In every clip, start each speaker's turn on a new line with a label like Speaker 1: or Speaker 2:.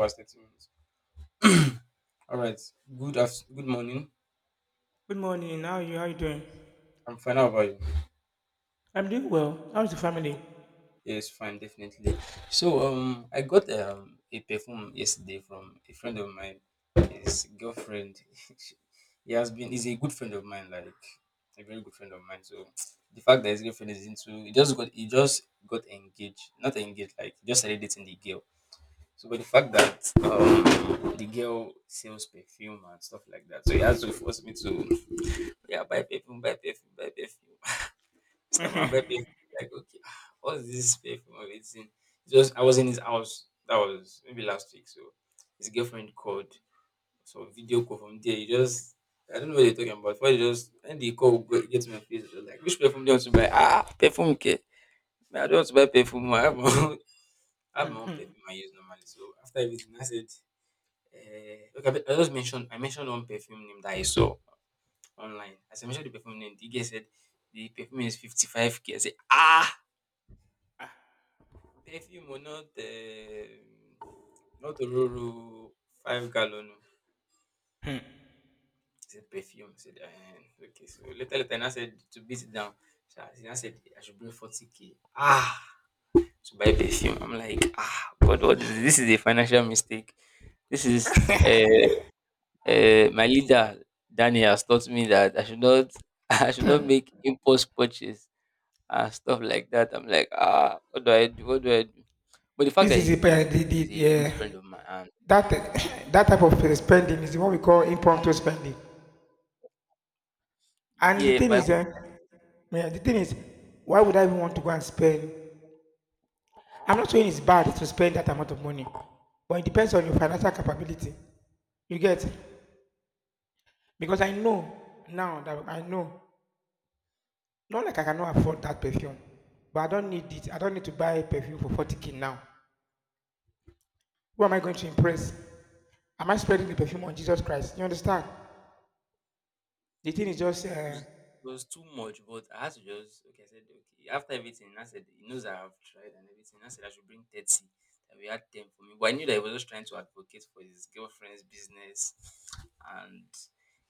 Speaker 1: Hours, 30 minutes. All right. Good morning.
Speaker 2: Good morning. How are you? How are you doing?
Speaker 1: I'm fine. How about you?
Speaker 2: I'm doing well. How's the family?
Speaker 1: Yes, fine, definitely. So I got a perfume yesterday from a friend of mine, his girlfriend. she- he has been he's a good friend of mine, like a very good friend of mine. So the fact that his girlfriend is into he just got engaged. Not engaged, like he just started dating the girl. So but the fact that the girl sells perfume and stuff like that. So he has to force me to, yeah, buy perfume, buy perfume, buy perfume. So my pepper is like, okay, what's this perfume of a thing? It's just I was in his house. That was maybe last week. So his girlfriend called. So video call from there. He just I don't know what they're talking about. But he just and the call get to my face. It was like, which perfume do you want to buy? Perfume care. I don't want to buy perfume. I have my own, I have
Speaker 2: Hmm,
Speaker 1: my own
Speaker 2: hmm.
Speaker 1: perfume I use normally. So after everything, I said, okay, I just mentioned one perfume name that I saw online. As I mentioned the perfume name, the guy said the perfume is 55K. I said,
Speaker 2: Ah,
Speaker 1: Perfume o, not Ororo 5 gallon o. I
Speaker 2: hmm.
Speaker 1: said perfume. I said okay. So later I now said to beat it down. So I now said I should bring 40K k. To buy perfume. I'm like, God, what is this? This is a financial mistake. This is, my leader Danny has taught me that I should not I should not make impulse purchase and stuff like that. I'm like, what do I do? What do I do? But the fact
Speaker 2: this
Speaker 1: that
Speaker 2: is the
Speaker 1: he's a good
Speaker 2: yeah,
Speaker 1: friend of mine and
Speaker 2: That that type of spending is the one we call impromptu spending. And the
Speaker 1: yeah,
Speaker 2: thing
Speaker 1: but I
Speaker 2: is,
Speaker 1: could
Speaker 2: yeah, the thing is, Why would I even want to go and spend? I'm not saying it's bad to spend that amount of money, but it depends on your financial capability. You get? Because I know, not like I cannot afford that perfume, but I don't need it. I don't need to buy perfume for 40k now. Who am I going to impress? Am I spreading the perfume on Jesus Christ? You understand? The thing is just,
Speaker 1: like it was it was too much, but I had to just, okay, I said okay. After everything, I said he knows I have tried and everything. I said I should bring 30. That we had 10 for me. But I knew that he was just trying to advocate for his girlfriend's business and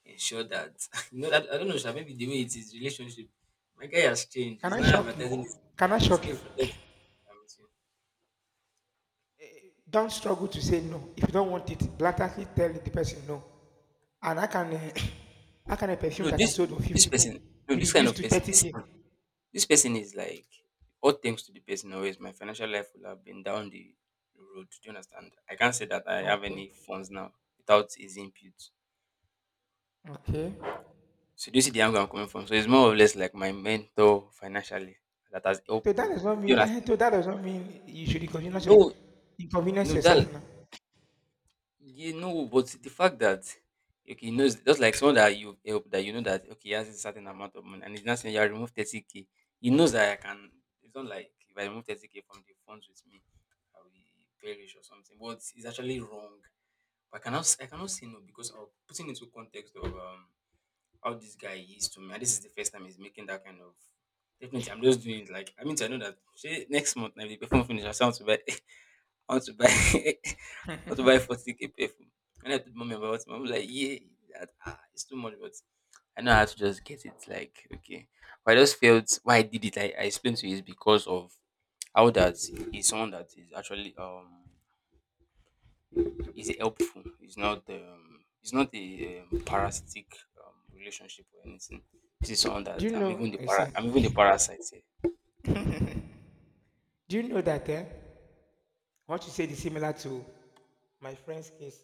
Speaker 1: ensure that you know that I don't know, sha, maybe the way it is relationship. My guy has changed.
Speaker 2: Can
Speaker 1: He's
Speaker 2: I
Speaker 1: not
Speaker 2: shock you?
Speaker 1: advertising his,
Speaker 2: Can I
Speaker 1: his
Speaker 2: shock you?
Speaker 1: girlfriend. Okay, I'm with you.
Speaker 2: Don't struggle to say no. If you don't want it, blatantly tell the person no. And how can a perfume
Speaker 1: No,
Speaker 2: that
Speaker 1: this
Speaker 2: is sold on
Speaker 1: this
Speaker 2: 50k
Speaker 1: person, no,
Speaker 2: be
Speaker 1: this kind
Speaker 2: reduced
Speaker 1: of
Speaker 2: to
Speaker 1: person. this
Speaker 2: 30k?
Speaker 1: This person is like, all thanks to the person, always my financial life would have been down the road. Do you understand? I can't say that I have
Speaker 2: Okay.
Speaker 1: any funds now without his input.
Speaker 2: Okay.
Speaker 1: So, do you see the angle I'm coming from? So, it's more or less like my mentor financially that has
Speaker 2: So
Speaker 1: helped
Speaker 2: that
Speaker 1: me.
Speaker 2: does not
Speaker 1: Do you
Speaker 2: mean,
Speaker 1: understand?
Speaker 2: you should
Speaker 1: No,
Speaker 2: inconvenience
Speaker 1: no,
Speaker 2: yourself
Speaker 1: that
Speaker 2: now.
Speaker 1: you know, but the fact that, okay, just like someone that you help that you know, that okay, he has a certain amount of money and he's not saying you remove 30K k. He knows that I can. It's not like if I remove 30K k from the funds with me, I will perish or something. But it's actually wrong. But I cannot say no because I'm putting into context of how this guy is to me. And this is the first time he's making that kind of. Definitely, I'm just doing it, like, I mean, I know that, say, next month I will perform finish. I want to buy. I want to buy. I had to buy 40K perfume. And I told Mom about it. Mom was like, yeah, that, it's too much, but I know how to just get it. Like, okay. But I just felt why I did it. I explained to you is because of how that is someone that is actually is helpful. It's not a parasitic relationship or anything. This is someone
Speaker 2: Do
Speaker 1: that
Speaker 2: you know, I see,
Speaker 1: I'm even the parasite here.
Speaker 2: do you know that what you said is similar to my friend's case?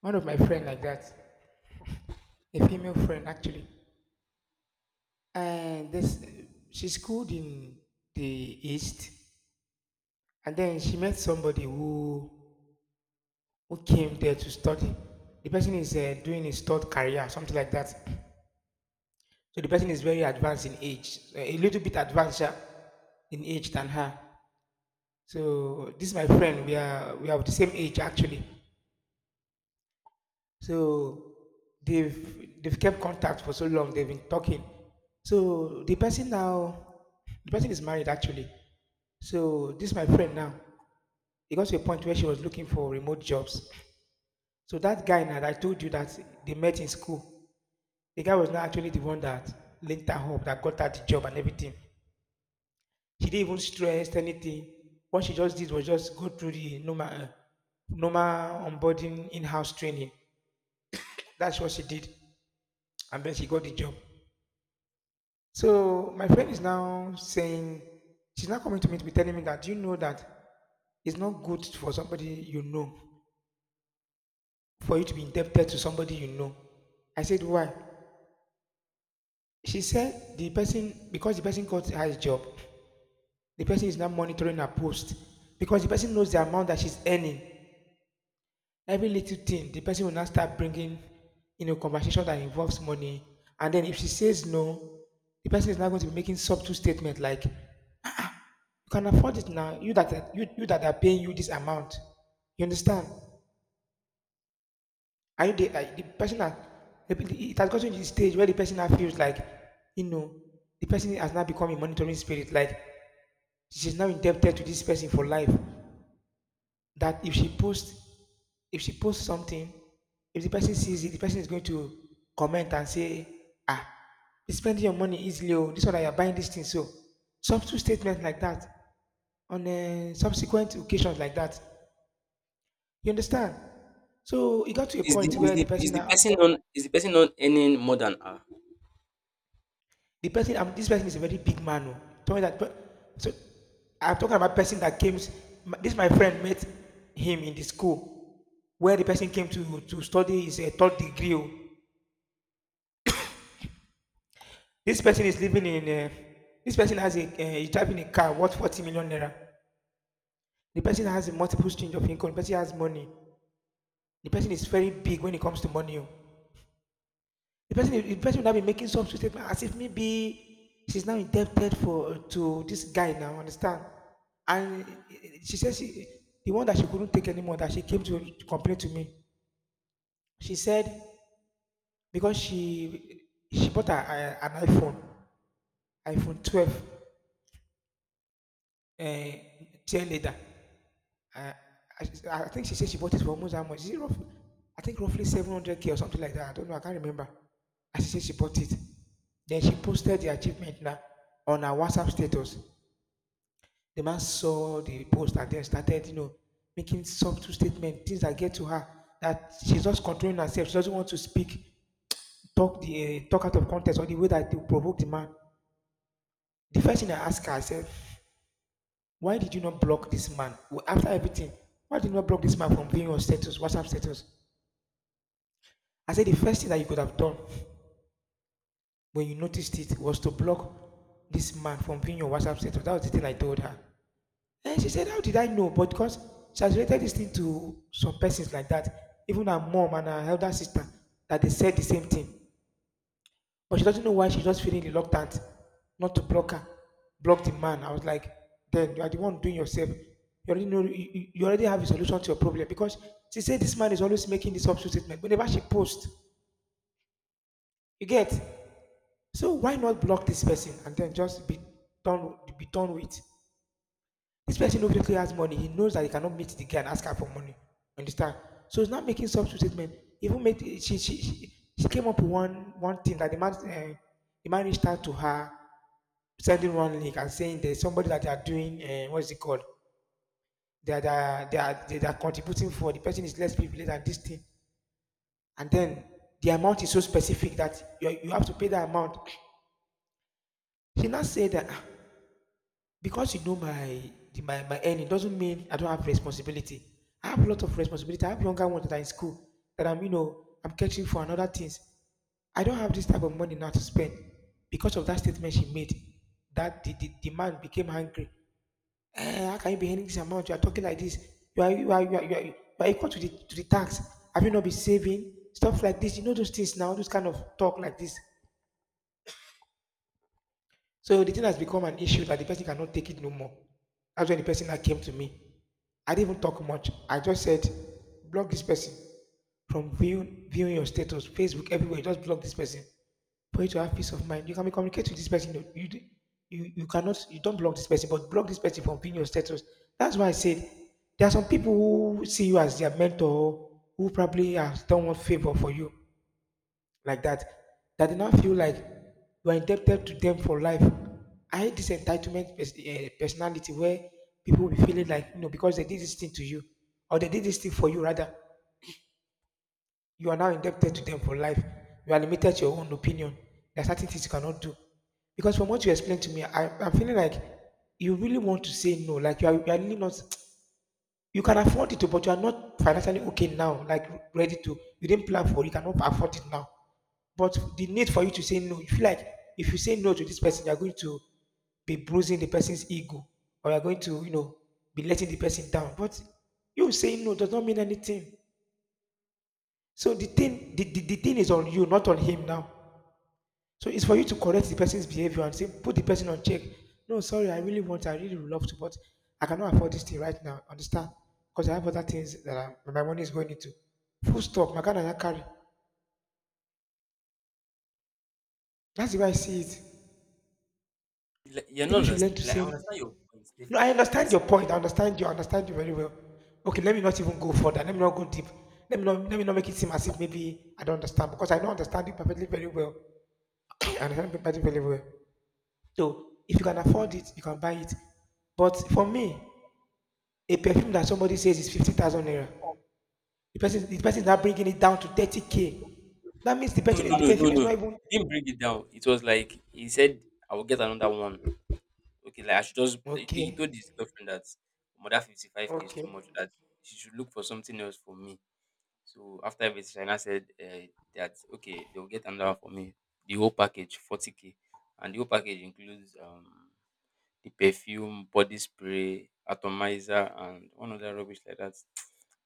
Speaker 2: One of my friend like that, a female friend actually. And this, she schooled in the east, and then she met somebody who came there to study. The person is doing his third career, something like that. So the person is very advanced in age, a little bit advanced, yeah, in age than her. So this is my friend. We are of the same age actually. So they've kept contact for so long. They've been talking. So the person now, the person is married actually. So this my friend now. It got to a point where she was looking for remote jobs. So that guy now that I told you that they met in school, the guy was not actually the one that linked her up, that got her the job and everything. She didn't even stress anything. What she just did was just go through the normal onboarding in-house training. That's what she did, and then she got the job. So my friend is now saying she's now coming to me to be telling me that, "Do you know that it's not good for somebody you know, for you to be indebted to somebody you know." I said, why? She said the person, because the person got her job, the person is now monitoring her post because the person knows the amount that she's earning. Every little thing, the person will now start bringing in a conversation that involves money, and then if she says no, the person is now going to be making subtle statement like, you can afford it now. You that are paying you this amount. You understand? Are you the person that it has gotten to the stage where the person now feels like, you know, the person has now become a monitoring spirit. Like she's now indebted to this person for life. That if she posts something, if the person sees it, the person is going to comment and say, ah, you're spending your money easily. Oh, this one that you're buying this thing. So, some two statements like that on subsequent occasions like that. You understand? So it got to a
Speaker 1: Is the
Speaker 2: point
Speaker 1: is
Speaker 2: where the
Speaker 1: the
Speaker 2: person
Speaker 1: is the
Speaker 2: now,
Speaker 1: person on is the person not earning more than her?
Speaker 2: the person, this person is a very big man. Oh, told me that, so I'm talking about person that came. This my friend met him in the school where the person came to study his third degree. Oh, this person is living in. Uh, this person has a he's driving a car worth 40 million naira. The person has a multiple stream of income. The person has money. The person is very big when it comes to money. Oh, the person will now be making some statement as if maybe she's now indebted for to this guy now, understand? And she says she, the one that she couldn't take anymore, that she came to complain to me. She said because she bought a, an iPhone, iPhone 12, uh, 10 later. Uh, I, I think she said she bought it for almost how much? Is it roughly? I think roughly 700k or something like that. I don't know. I can't remember. And she said she bought it. Then she posted the achievement now on her WhatsApp status. The man saw the post and then started, you know, making subtle statements, things that get to her that she's just controlling herself. She doesn't want to speak, talk the talk out of context or the way that they provoke the man. The first thing I asked her, I said, why did you not block this man? Well, after everything, why did you not block this man from being on status, WhatsApp status? I said the first thing that you could have done when you noticed it was to block this man from viewing your WhatsApp status. That was the thing I told her. And she said, how did I know? But because she has related this thing to some persons like that, even her mom and her elder sister, that they said the same thing. But she doesn't know why she's just feeling reluctant not to block her, block the man. I was like, then you are the one doing yourself. You already know you already have a solution to your problem because she said this man is always making this option statement whenever she posts. You get? So why not block this person and then just be done with? This person obviously has money. He knows that he cannot meet the guy and ask her for money. Understand? So he's not making substitute statement. Even made she came up with one thing that the man reached out to her, sending one link and saying there's somebody that they are doing what is it called? They are contributing for the person is less privileged than this thing. And then the amount is so specific that you have to pay that amount. She now said that, "Ah, because you know my the- my earning doesn't mean I don't have responsibility. I have a lot of responsibility. I have younger ones that are in school that I'm you know I'm catching for and other things. I don't have this type of money now to spend because of that statement she made." That The, the man became angry. Eh, how can you be earning this amount? You are talking like this. You are equal to the tax. Have you not been saving stuff like this? You know those things now. Those kind of talk like this. So the thing has become an issue that the person cannot take it no more. That's when the person that came to me. I didn't even talk much. I just said, block this person from viewing your status, Facebook, everywhere. Just block this person for you to have peace of mind. You can be communicate with this person. You cannot, you don't block this person, but block this person from viewing your status. That's why I said there are some people who see you as their mentor, who probably has done one favor for you like that that they now feel like you are indebted to them for life. I hate this entitlement personality where people will be feeling like, you know, because they did this thing to you or they did this thing for you rather, you are now indebted to them for life. You are limited to your own opinion. There are certain things you cannot do because from what you explained to me, I'm feeling like you really want to say no. Like you are really not. You can afford it, but you are not financially okay now, like ready to. You didn't plan for it, you cannot afford it now. But the need for you to say no, you feel like if you say no to this person, you're going to be bruising the person's ego or you're going to, you know, be letting the person down. But you saying no does not mean anything. So the thing is on you, not on him now. So it's for you to correct the person's behavior and say, put the person on check. No, sorry, I really want, I really would love to, but I cannot afford this thing right now. Understand? Because I have other things that are, my money is going into. Full stop. My kind of carry. That's the way I see it.
Speaker 1: Like, you're not
Speaker 2: People should
Speaker 1: understand.
Speaker 2: learn to
Speaker 1: Like I
Speaker 2: say,
Speaker 1: understand your point,
Speaker 2: no, I
Speaker 1: definitely, but
Speaker 2: understand your point. I understand you. I understand you very well. Okay, let me not even go further. Let me not go deep. Let me not make it seem as if maybe I don't understand because I don't understand it perfectly very well. I understand it perfectly very well. So if you can afford it, you can buy it. But for me, a perfume that somebody says is 50,000 naira. The person is now bringing it down to 30K. That means the
Speaker 1: no,
Speaker 2: perfume,
Speaker 1: no,
Speaker 2: the
Speaker 1: no, no,
Speaker 2: perfume is
Speaker 1: no.
Speaker 2: not even
Speaker 1: He didn't bring it down. It was like he said, "I will get another one." Okay, like I should just. He told
Speaker 2: okay.
Speaker 1: his girlfriend that, "Omo, that 55K k is too
Speaker 2: Okay.
Speaker 1: much. That she should look for something else for me." So after everything, China said, that okay, they will get another one for me. The whole package 40K k, and the whole package includes the perfume, body spray, atomizer, and one other rubbish like that.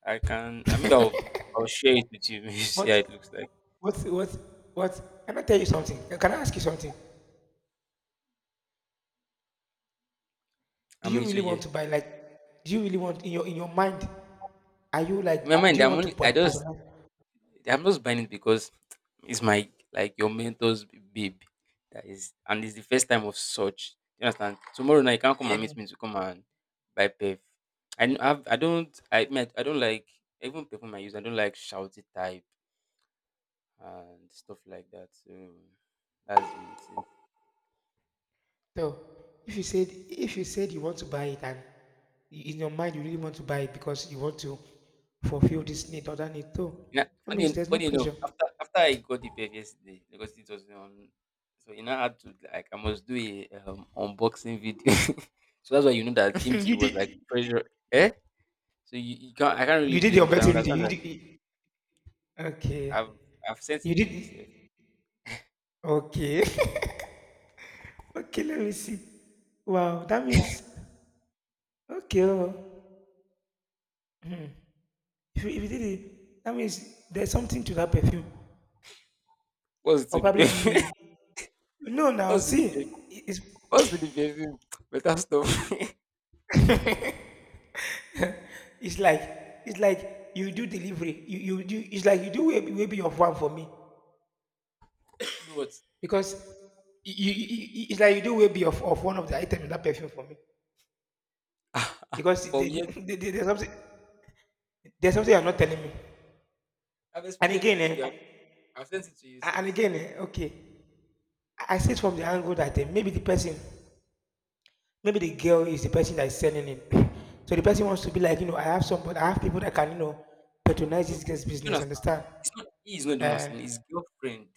Speaker 1: I can. I mean, I'll share it with you. You see
Speaker 2: What,
Speaker 1: how it looks like.
Speaker 2: what, what, what? Can I tell you something? Can I ask you something? Do
Speaker 1: I
Speaker 2: you
Speaker 1: mean, so
Speaker 2: really want
Speaker 1: yeah.
Speaker 2: to buy, like, do you really want in your mind, are you
Speaker 1: In my
Speaker 2: like, do
Speaker 1: mind,
Speaker 2: you
Speaker 1: I'm
Speaker 2: want to
Speaker 1: only
Speaker 2: buy?
Speaker 1: I just I'm just buying it because it's my, like, your mentor's babe. That is, and it's the first time of such. You understand? Tomorrow night you can't come and meet me to come and buy perf. I mean, I don't like even perfume I use, I don't like shouty type and stuff like that. So that's the way it is.
Speaker 2: So if you said you want to buy it and in your mind you really want to buy it because you want to fulfill this need or that need, so
Speaker 1: Yeah,
Speaker 2: that means there's no
Speaker 1: funny enough,
Speaker 2: pressure.
Speaker 1: after I got the belt yesterday because it was on, so you know I had to, like, I must do a unboxing video. So that's why you know that him too, he
Speaker 2: you
Speaker 1: was
Speaker 2: did
Speaker 1: like pressure, eh? So you can't I can't really
Speaker 2: you did
Speaker 1: blame
Speaker 2: your
Speaker 1: him, so I
Speaker 2: better.
Speaker 1: understand
Speaker 2: You
Speaker 1: that.
Speaker 2: did you- okay.
Speaker 1: I've I've sent
Speaker 2: You
Speaker 1: it to
Speaker 2: did,
Speaker 1: you sef.
Speaker 2: okay. Okay, let me see. Wow, that means okay. Oh. If you did it, that means there's something to that perfume,
Speaker 1: What's it
Speaker 2: or
Speaker 1: to the
Speaker 2: probably
Speaker 1: perfume?
Speaker 2: the— No. Now
Speaker 1: What's to
Speaker 2: see,
Speaker 1: the perfume?
Speaker 2: it's
Speaker 1: What's to the perfume? Better stuff.
Speaker 2: it's like it's like you do delivery. You do, it's like you do, way be of one for me
Speaker 1: Maybe what?
Speaker 2: because it's like you do way be of, one of the item in that perfume for me because
Speaker 1: From
Speaker 2: the,
Speaker 1: here to
Speaker 2: the, there's something you're not telling me.
Speaker 1: I've
Speaker 2: And
Speaker 1: explained
Speaker 2: again,
Speaker 1: everything to
Speaker 2: eh,
Speaker 1: you. I've sent it to you sef. So but
Speaker 2: okay, I see it from the angle that, eh, maybe the person, maybe the girl is the person that is selling it. So the person wants to be like, you know, I have some, I have people that can, you know, patronize
Speaker 1: no,
Speaker 2: this girl's
Speaker 1: he, you
Speaker 2: business.
Speaker 1: understand?
Speaker 2: Understand?
Speaker 1: It's not, he is not the one
Speaker 2: Uh,
Speaker 1: sending. His girlfriend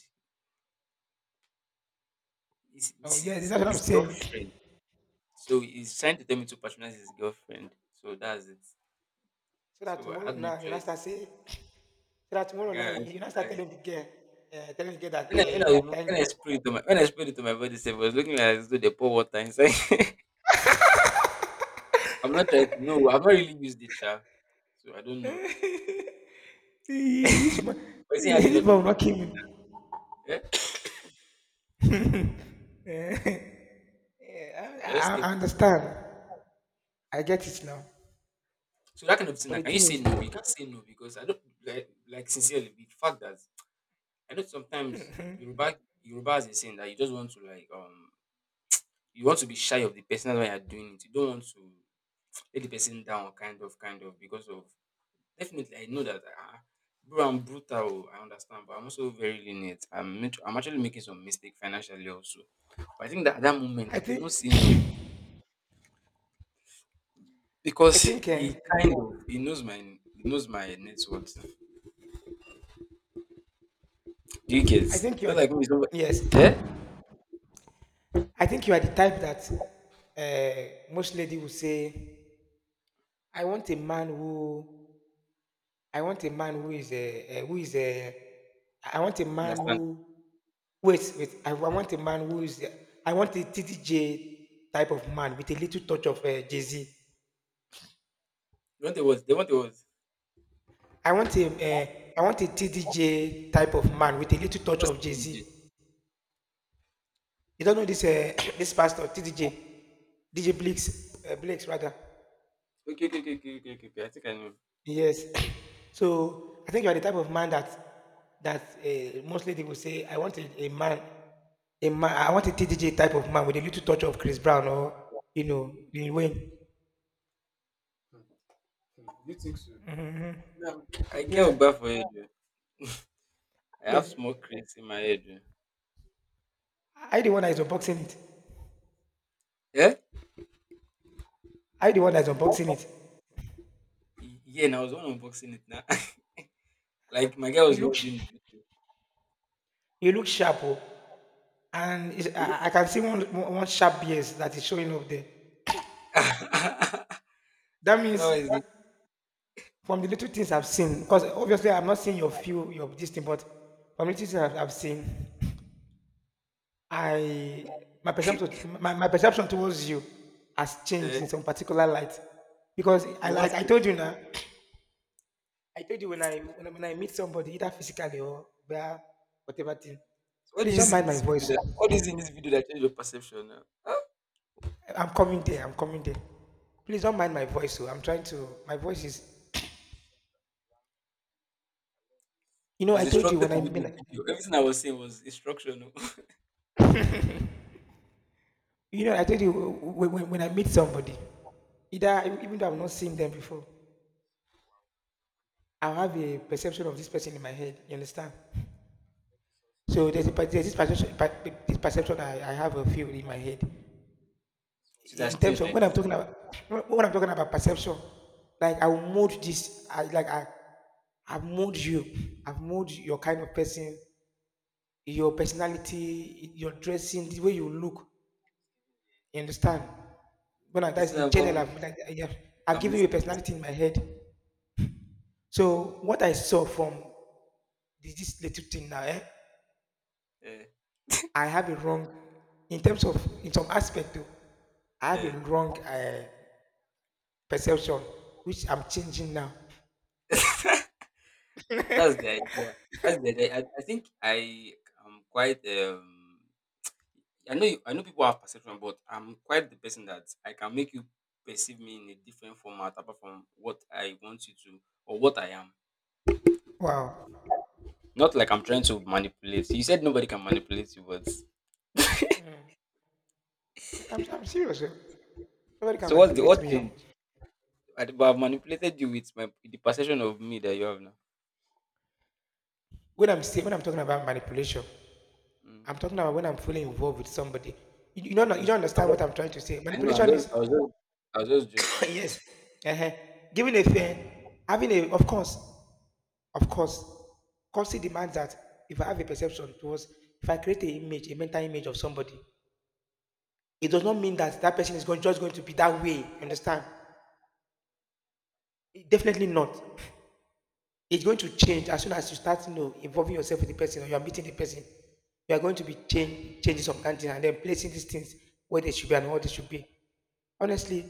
Speaker 1: This
Speaker 2: oh
Speaker 1: this
Speaker 2: yeah,
Speaker 1: is
Speaker 2: that's what I'm
Speaker 1: his
Speaker 2: saying.
Speaker 1: girlfriend. So he's trying to tell me to patronize his girlfriend. So that's it.
Speaker 2: So that
Speaker 1: So I
Speaker 2: tomorrow
Speaker 1: had no
Speaker 2: now you not start
Speaker 1: choice.
Speaker 2: saying, so that
Speaker 1: I
Speaker 2: tomorrow now
Speaker 1: can't.
Speaker 2: you not
Speaker 1: I,
Speaker 2: start
Speaker 1: I,
Speaker 2: telling the girl that, eh, thank
Speaker 1: when I
Speaker 2: God.
Speaker 1: sprayed it to my body, sef, it was looking like as though they pour water inside. I'm not trying to know. I've not really used it, sha. So I don't know.
Speaker 2: this man,
Speaker 1: But he
Speaker 2: this
Speaker 1: had a
Speaker 2: man
Speaker 1: lot
Speaker 2: will
Speaker 1: of pack.
Speaker 2: not kill me.
Speaker 1: Yeah?
Speaker 2: I,
Speaker 1: So I
Speaker 2: I
Speaker 1: just
Speaker 2: I
Speaker 1: kept it away.
Speaker 2: understand. I get it now.
Speaker 1: So that kind of thing,
Speaker 2: But the
Speaker 1: like, can you
Speaker 2: thing
Speaker 1: say
Speaker 2: is,
Speaker 1: no? You can't say no because I don't like sincerely. The fact that I know sometimes Yoruba, is saying that you just want to, like, you want to be shy of the person, that's why you're doing it. You don't want to let the person down, kind of, because of, definitely I know that, bro, I'm brutal, oh, I understand, but I'm also very lenient. I'm actually making some mistake financially also. But I think that at that moment
Speaker 2: I
Speaker 1: I could
Speaker 2: think,
Speaker 1: not say no
Speaker 2: I
Speaker 1: because
Speaker 2: think.
Speaker 1: he
Speaker 2: Eh,
Speaker 1: kind of he knows my net worth. Do you get?
Speaker 2: I think you are
Speaker 1: Not
Speaker 2: the—
Speaker 1: like me, somebody,
Speaker 2: Yes.
Speaker 1: yeah,
Speaker 2: I think you are the type that, most lady will say, "I want a man who, I want a man who is a, I want a man
Speaker 1: understand.
Speaker 2: who— Wait. I, wa- want a man who is, a— I want a TDJ type of man with a little touch of, Jay Z.
Speaker 1: They want the words. They want the words.
Speaker 2: I want a, uh, I want a TDJ type of man with a little touch
Speaker 1: Just
Speaker 2: of Jay Z.
Speaker 1: DJ.
Speaker 2: You don't know this, this pastor TDJ, DJ Blix, Blix rather."
Speaker 1: Okay, okay, okay, okay, okay, okay, okay. I think I know.
Speaker 2: Yes. So I think you are the type of man that, that, most lady will say, I want a man, I want a TDJ type of man with a little touch of Chris Brown or, you know, Lil Wayne.
Speaker 1: Yeah, I get
Speaker 2: Yeah.
Speaker 1: Ogba for you. I
Speaker 2: Well,
Speaker 1: have small cracks in my head. Oh.
Speaker 2: I the one that is unboxing it.
Speaker 1: Eh?
Speaker 2: I the one that is unboxing it.
Speaker 1: Yeah, and I was the one unboxing it now. Like my guy
Speaker 2: You
Speaker 1: was the
Speaker 2: look,
Speaker 1: one doing
Speaker 2: sh-
Speaker 1: the video.
Speaker 2: you look sharp, oh. And it's—
Speaker 1: Look.
Speaker 2: I can see one sharp yes that is showing up there.
Speaker 1: Is
Speaker 2: That
Speaker 1: that
Speaker 2: means
Speaker 1: what is it?
Speaker 2: from the little things I've seen, because obviously I'm not seeing your few, your this thing, but from the little things I've seen, I, my perception, my perception towards you has changed
Speaker 1: Is?
Speaker 2: in some particular light because
Speaker 1: It
Speaker 2: I,
Speaker 1: was
Speaker 2: like I
Speaker 1: it.
Speaker 2: told you now. I told you when I, when I, when I meet somebody either physically or via whatever thing— please don't mind my voice,
Speaker 1: What do
Speaker 2: oh.
Speaker 1: you see in this video that changed your perception now? Huh?
Speaker 2: I'm coming there, please don't mind my voice, oh. I'm trying to, my voice is— you
Speaker 1: I
Speaker 2: know I
Speaker 1: was
Speaker 2: told you
Speaker 1: instructed
Speaker 2: when I,
Speaker 1: to do
Speaker 2: when
Speaker 1: the
Speaker 2: I—
Speaker 1: video. Everything I was saying was instructional.
Speaker 2: you know I told you when I meet somebody, either even though I've not seen them before, I'll have a perception of this person in my head, you understand. So there's, a, per- there's this perception, per- this perception I have a few in my head.
Speaker 1: Should has
Speaker 2: In terms
Speaker 1: changed
Speaker 2: of
Speaker 1: like
Speaker 2: when I'm
Speaker 1: this.
Speaker 2: talking about, when I'm talking about perception, like I will mold this, I like, I, I've molded you, I've molded your kind of person, your personality, your dressing, the way you look. You understand? When I,
Speaker 1: Okay,
Speaker 2: that's
Speaker 1: so
Speaker 2: in
Speaker 1: I'm,
Speaker 2: general,
Speaker 1: I'm
Speaker 2: I've, like, yeah,
Speaker 1: listening,
Speaker 2: I've
Speaker 1: I'm
Speaker 2: given you a
Speaker 1: listening.
Speaker 2: personality in my head. So what I saw from this, this little thing now, eh?
Speaker 1: Uh,
Speaker 2: I have a wrong, in terms of, in some aspect though, I have a
Speaker 1: uh,
Speaker 2: wrong, perception, which I'm changing now.
Speaker 1: that's the idea. That's the idea. I think I am quite I know people have perception, but I'm quite the person that I can make you perceive me in a different format apart from what I want you to or what I am.
Speaker 2: Wow.
Speaker 1: Not like I'm trying to manipulate. You said nobody can manipulate you, but
Speaker 2: I'm serious, oh. Nobody can
Speaker 1: So what's the
Speaker 2: manipulate me, oh.
Speaker 1: I've manipulated you with my with the perception of me that you have now.
Speaker 2: When I'm saying, when I'm talking about manipulation,
Speaker 1: Mm,
Speaker 2: I'm talking about when I'm fully involved with somebody. You,
Speaker 1: you
Speaker 2: you don't
Speaker 1: can
Speaker 2: know— you don't
Speaker 1: just joke.
Speaker 2: understand what I'm trying to say.
Speaker 1: I know. I'm
Speaker 2: Manipulation
Speaker 1: just.
Speaker 2: is—
Speaker 1: I was just. I was just joking.
Speaker 2: yes, uh-huh. Giving a thing, having a— of course, course it demands that if I have a perception towards, if I create an image, a mental image of somebody, it does not mean that that person is going, just going to be that way. You understand? It— definitely not. It's going to change as soon as you start, you know, involving yourself with the person or you are meeting the person. You are going to be change, changing some kind of thing and then placing these things where they should be and what they should be. Honestly,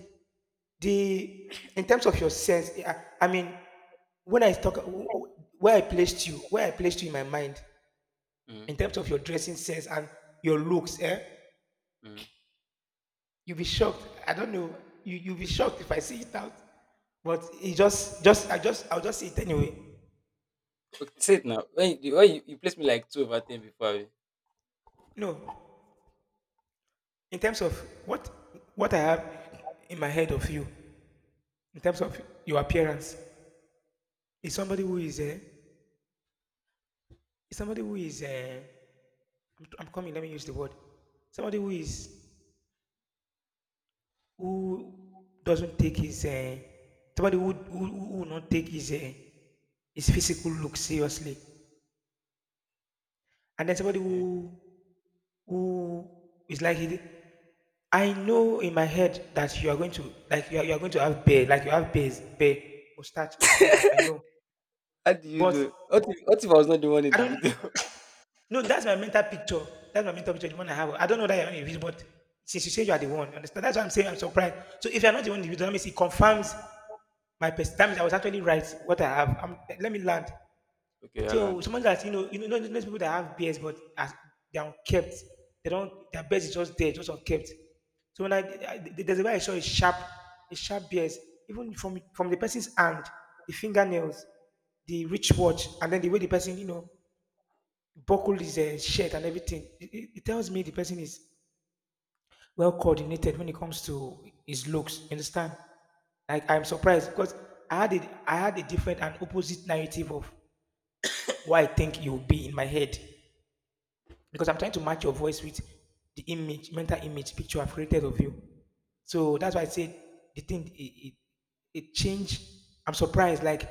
Speaker 2: the— in terms of your sense, I mean, when I talk, where I placed you, where I placed you in my mind,
Speaker 1: You know. Mm,
Speaker 2: in terms of your dressing sense and your looks, eh?
Speaker 1: mm.
Speaker 2: You'll be shocked. I don't know. You, you'll be shocked if I say it out. But it just I just I'll just say it anyway.
Speaker 1: Okay, say it now. When you, you placed me like two over ten before. Abi?
Speaker 2: No. In terms of what what I have in my head of you, in terms of your appearance, is
Speaker 1: Mm,
Speaker 2: somebody who is, is somebody who is, I'm coming, let me use the word. Somebody who is— who doesn't take his, somebody who will not take his, his physical look seriously. And then somebody
Speaker 1: okay.
Speaker 2: who is like it, I know in my head that you are going to, like you are going to have bear, like you have bears, bear, mustache and all that. I know.
Speaker 1: How do you
Speaker 2: But
Speaker 1: do? What if I was not the one in
Speaker 2: I
Speaker 1: the
Speaker 2: don't—
Speaker 1: video?
Speaker 2: no, that's my mental picture. That's my mental picture, the one I have. I don't know that you're not individual, but since you say you are the one, you understand? That's why I'm saying I'm surprised. So if you're not the one individual, that means it confirms my perspective. That means I was actually right what I have. I let me land.
Speaker 1: Okay.
Speaker 2: So
Speaker 1: Hello.
Speaker 2: someone that you know, those people that have beards but as they are kept, they don't— their beards is just there, just unkept. So when I, there's a way I saw a sharp beards, even from the person's hand, the fingernails, the wristwatch, watch, and then the way the person, you know, buckled his, shirt and everything. It tells me the person is well coordinated when it comes to his looks. You understand? Like I'm surprised because I had it, I had a different and opposite narrative of what I think you will be in my head, because I'm trying to match your voice with the image, mental image picture I've created of you. So that's why I said the thing, it changed. I'm surprised. Like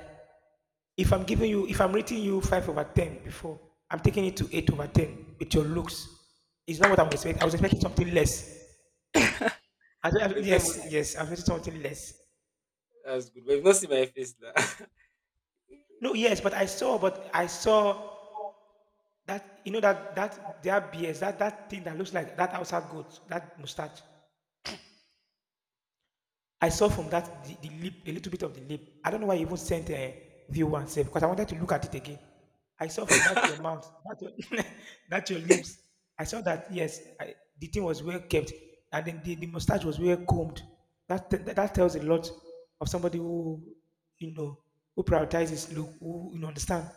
Speaker 2: if I'm giving you, if I'm rating you 5 over 10 before, I'm taking it to 8 over 10 with your looks. It's not what I'm expecting. I was expecting something less. I, don't— I—
Speaker 1: But you've not even
Speaker 2: yes,
Speaker 1: seen.
Speaker 2: yes, I was expecting something less.
Speaker 1: That's good. But you've not seen my face now.
Speaker 2: No, yes, but I saw that, you know, that that their beards, that that thing that looks like that outside goat, that mustache. I saw from that the lip, a little bit of the lip. I don't know why you even sent, view one save because I wanted to look at it again. I saw from that your mouth, that your, that your lips. I saw that yes, I, the thing was well kept, and then the mustache was well combed. That, t- that that tells a lot of somebody who, you know, who prioritizes look, who, you know, understand.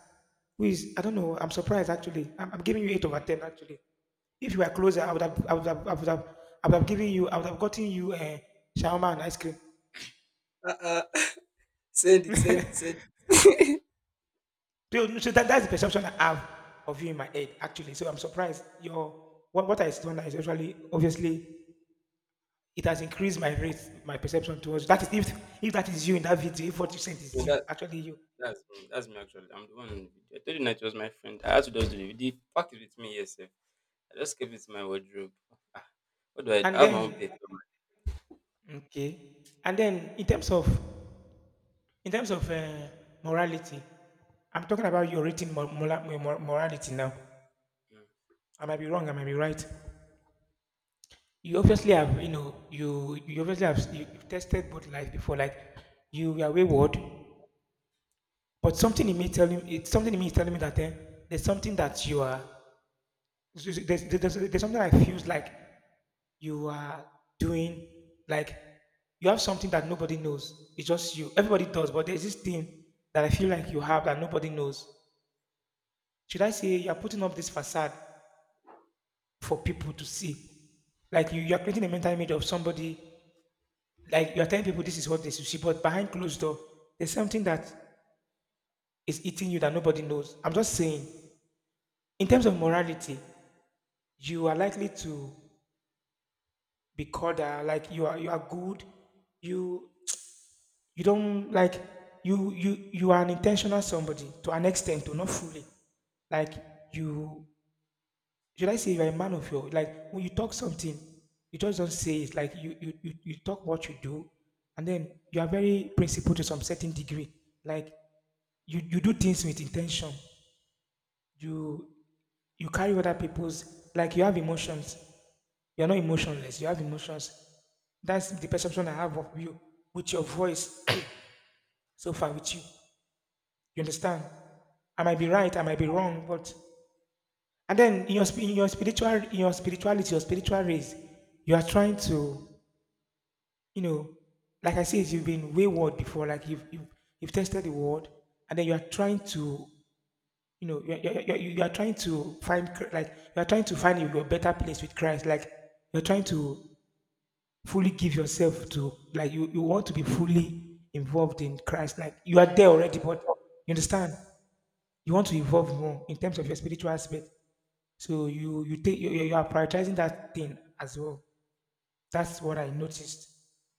Speaker 2: Who is— I don't know. I'm surprised actually. I'm giving you eight over ten actually. If you were closer, I would have, I would have, I would have, I would have given you, I would have gotten you a shawarma and ice cream.
Speaker 1: uh-uh. Send it, send it, send it.
Speaker 2: That's the perception I have of you in my head, actually. So I'm surprised. What I saw is actually obviously it has increased my rate, my perception towards that is if that is you in that video, if what you sent is
Speaker 1: No,
Speaker 2: you,
Speaker 1: that
Speaker 2: actually you.
Speaker 1: that's me. That's me, actually. I'm the one in the video. I told you that it was my friend. I had to just do the video. The fact is with me, yes, sir. I just kept it in my wardrobe. Ah, What do?
Speaker 2: And
Speaker 1: I have my own
Speaker 2: then
Speaker 1: paper.
Speaker 2: okay, and then in terms of morality, I'm talking about your written mor- mora- mor- morality now. I might be wrong, I might be right. You obviously have, you know, you obviously have you, you've tested both lives before, like you were wayward, but something in me telling, it's something in me is telling me that there's something that you are, there's something that feels like you are doing, like you have something that nobody knows, it's just you, everybody does, but there's this thing that I feel like you have that nobody knows. Should I say you're putting up this facade for people to see? Like you're creating a mental image of somebody. Like you're telling people this is what they should see, but behind closed door, there's something that is eating you that nobody knows. I'm just saying, in terms of morality, you are likely to be called like you are good. You you don't like, you are an intentional somebody to an extent, to not fully. Like you, should I say you're a man of your, like when you talk something, you just don't say it. Like you talk what you do, and then you are very principled to some certain degree. Like you do things with intention. You you carry other people's, like you have emotions. You're not emotionless. You have emotions. That's the perception I have of you with your voice so far with you. You understand? I might be right, I might be wrong, but and then in your sp- in your spiritual in your spirituality, your spiritual race, you are trying to, you know, like I said, you've been wayward before, like you've tested the world, and then you are trying to, you know, you are trying to like you are trying to find your better place with Christ, like you're trying to fully give yourself to, like you want to be fully involved in Christ, like you are there already, but you understand, you want to evolve more in terms of your spiritual aspect. So you take you, you you are prioritizing that thing as well. That's what I noticed.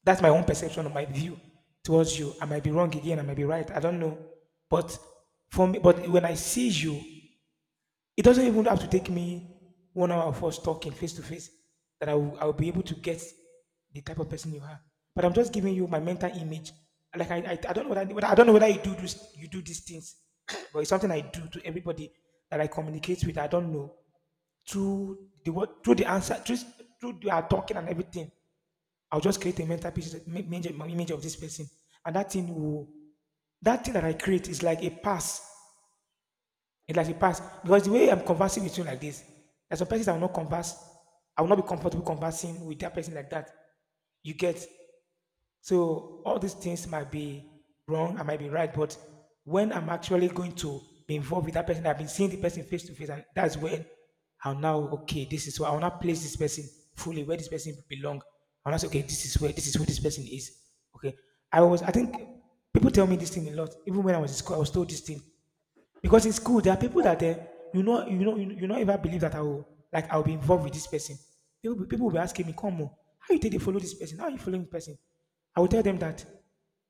Speaker 2: That's my own perception of my view towards you. I might be wrong again. I might be right. I don't know. But for me, but when I see you, it doesn't even have to take me 1 hour of us talking face to face that I will be able to get the type of person you are. But I'm just giving you my mental image. Like I don't know whether, whether I don't know whether you do this, you do these things, but it's something I do to everybody that I communicate with. I don't know, through the word, through the answer, through their talking and everything, I'll just create a mental picture, image, image of this person, and that thing that I create is like a pass. It's like a pass because the way I'm conversing with you like this, there's some persons I will not converse. I will not be comfortable conversing with that person like that. You get. So all these things might be wrong, I might be right, but when I'm actually going to be involved with that person, I've been seeing the person face to face, and that's when I'll now okay, this is where I'll not place this person fully where this person belong. I'll not say, okay, this is who this person is. Okay. I think people tell me this thing a lot. Even when I was in school, I was told this thing. Because in school, there are people that you know, ever believe that I will, like I'll be involved with this person. People will be asking me, "Come on, how you take to follow this person? How you following this person?" I will tell them that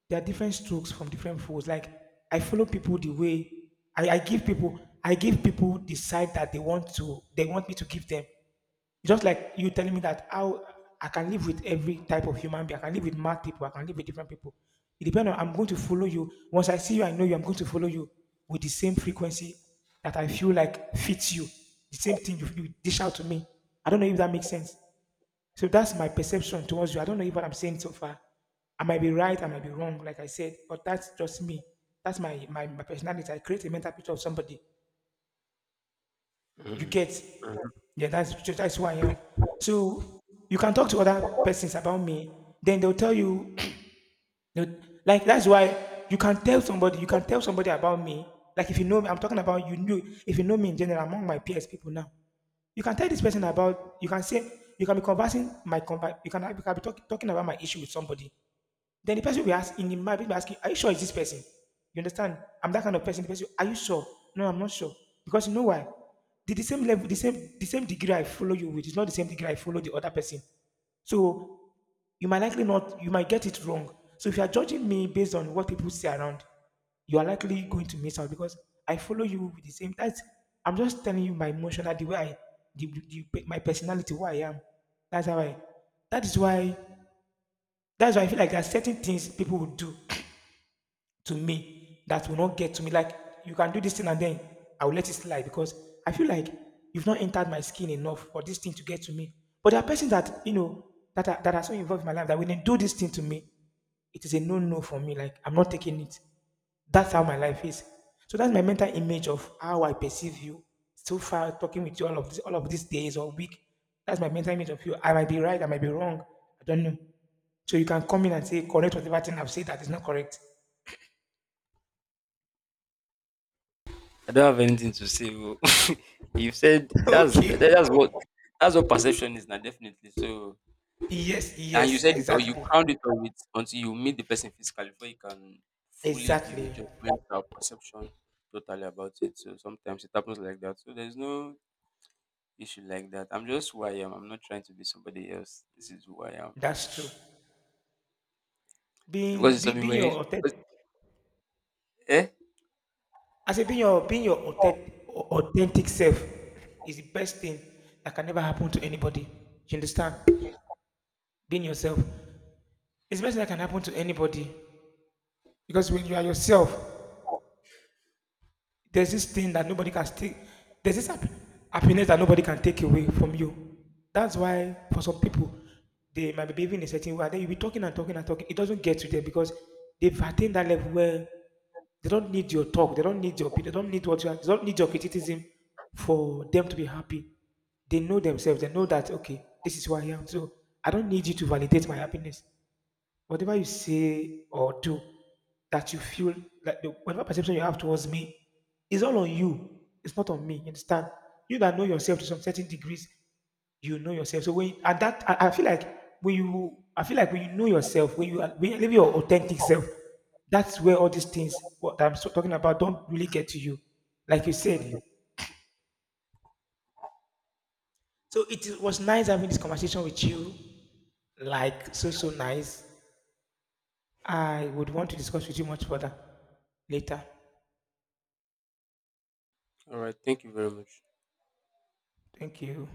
Speaker 2: there are different strokes from different folks. Like I follow people the way I give people the side that they want me to give them. Just like you telling me that how I can live with every type of human being. I can live with mad people. I can live with different people. It depends on, I'm going to follow you. Once I see you, I know you, I'm going to follow you with the same frequency that I feel like fits you. The same thing you dish out to me. I don't know if that makes sense. So that's my perception towards you. I don't know if what I'm saying so far. I might be right, I might be wrong, like I said, but that's just me. That's my personality. I create a mental picture of somebody, you
Speaker 1: Mm.
Speaker 2: get,
Speaker 1: Mm.
Speaker 2: yeah, that's who I am. So you can talk to other persons about me. Then they'll tell you, they'll, like that's why you can tell somebody. You can tell somebody about me. Like if you know me, I'm talking about you knew. If you know me in general, among my peers, people now, you can tell this person about. You can say you can be you can, you can be talking about my issue with somebody. Then the person will ask, in the marriage will ask you, are you sure it's this person? You understand? I'm that kind of person. The person, are you sure? No, I'm not sure. Because you know why? The same level, the same degree I follow you with is not the same degree I follow the other person. So you might get it wrong. So if you are judging me based on what people see around, you are likely going to miss out because I follow you with the same. That's, I'm just telling you my emotional, the way I, the- my personality, who I am. That's how I. That is why. That's why I feel like there are certain things people would do to me that will not get to me. Like you can do this thing and then I will let it slide because I feel like you've not entered my skin enough for this thing to get to me. But there are persons that you know that are so involved in my life that when they do this thing to me, it is a no no for me. Like I'm not taking it. That's how my life is. So that's my mental image of how I perceive you. So far, talking with you all of this, all of these days or week, that's my mental image of you. I might be right, I might be wrong. I don't know. So you can come in and say correct whatever thing I've said that is not correct.
Speaker 1: I don't have anything to say. Oh. You've said that's
Speaker 2: Okay.
Speaker 1: that- that's what that's what perception is now, definitely. So
Speaker 2: Yes,
Speaker 1: and you
Speaker 2: yes,
Speaker 1: said it, or you
Speaker 2: exactly.
Speaker 1: crowned it up with, until you meet the person physically before you can fully give a
Speaker 2: Exactly.
Speaker 1: judgment or perception totally about it. So sometimes it happens like that. So there's no issue like that. I'm just who I am. I'm not trying to be somebody else. This is who I am.
Speaker 2: That's true.
Speaker 1: So because it's something
Speaker 2: Being
Speaker 1: very,
Speaker 2: your authentic,
Speaker 1: eh?
Speaker 2: I say being your authentic self is the best thing that can ever happen to anybody. You understand? Being yourself is the best thing that can happen to anybody. Because when you are yourself, there's this thing that nobody can take. There's this happiness that nobody can take away from you. That's why for some people, they might be behaving in a certain way. And then you'll be talking and talking and talking. It doesn't get to them because they've attained that level where they don't need your talk. They don't need your opinion. They don't need what you are. They don't need your criticism for them to be happy. They know themselves. They know that okay, this is who I am. So I don't need you to validate my happiness, whatever you say or do that you feel like the, whatever perception you have towards me is all on you. It's not on me. You understand? You that know yourself to some certain degrees, you know yourself. So when and that I feel like when you I feel like when you know yourself, when you are- when you live your authentic self, that's where all these things what talking about don't really get to you. Like you said. So it is- was nice having this conversation with you. Like so nice. I would want to discuss with you much further later.
Speaker 1: All right, thank you very much.
Speaker 2: Thank you.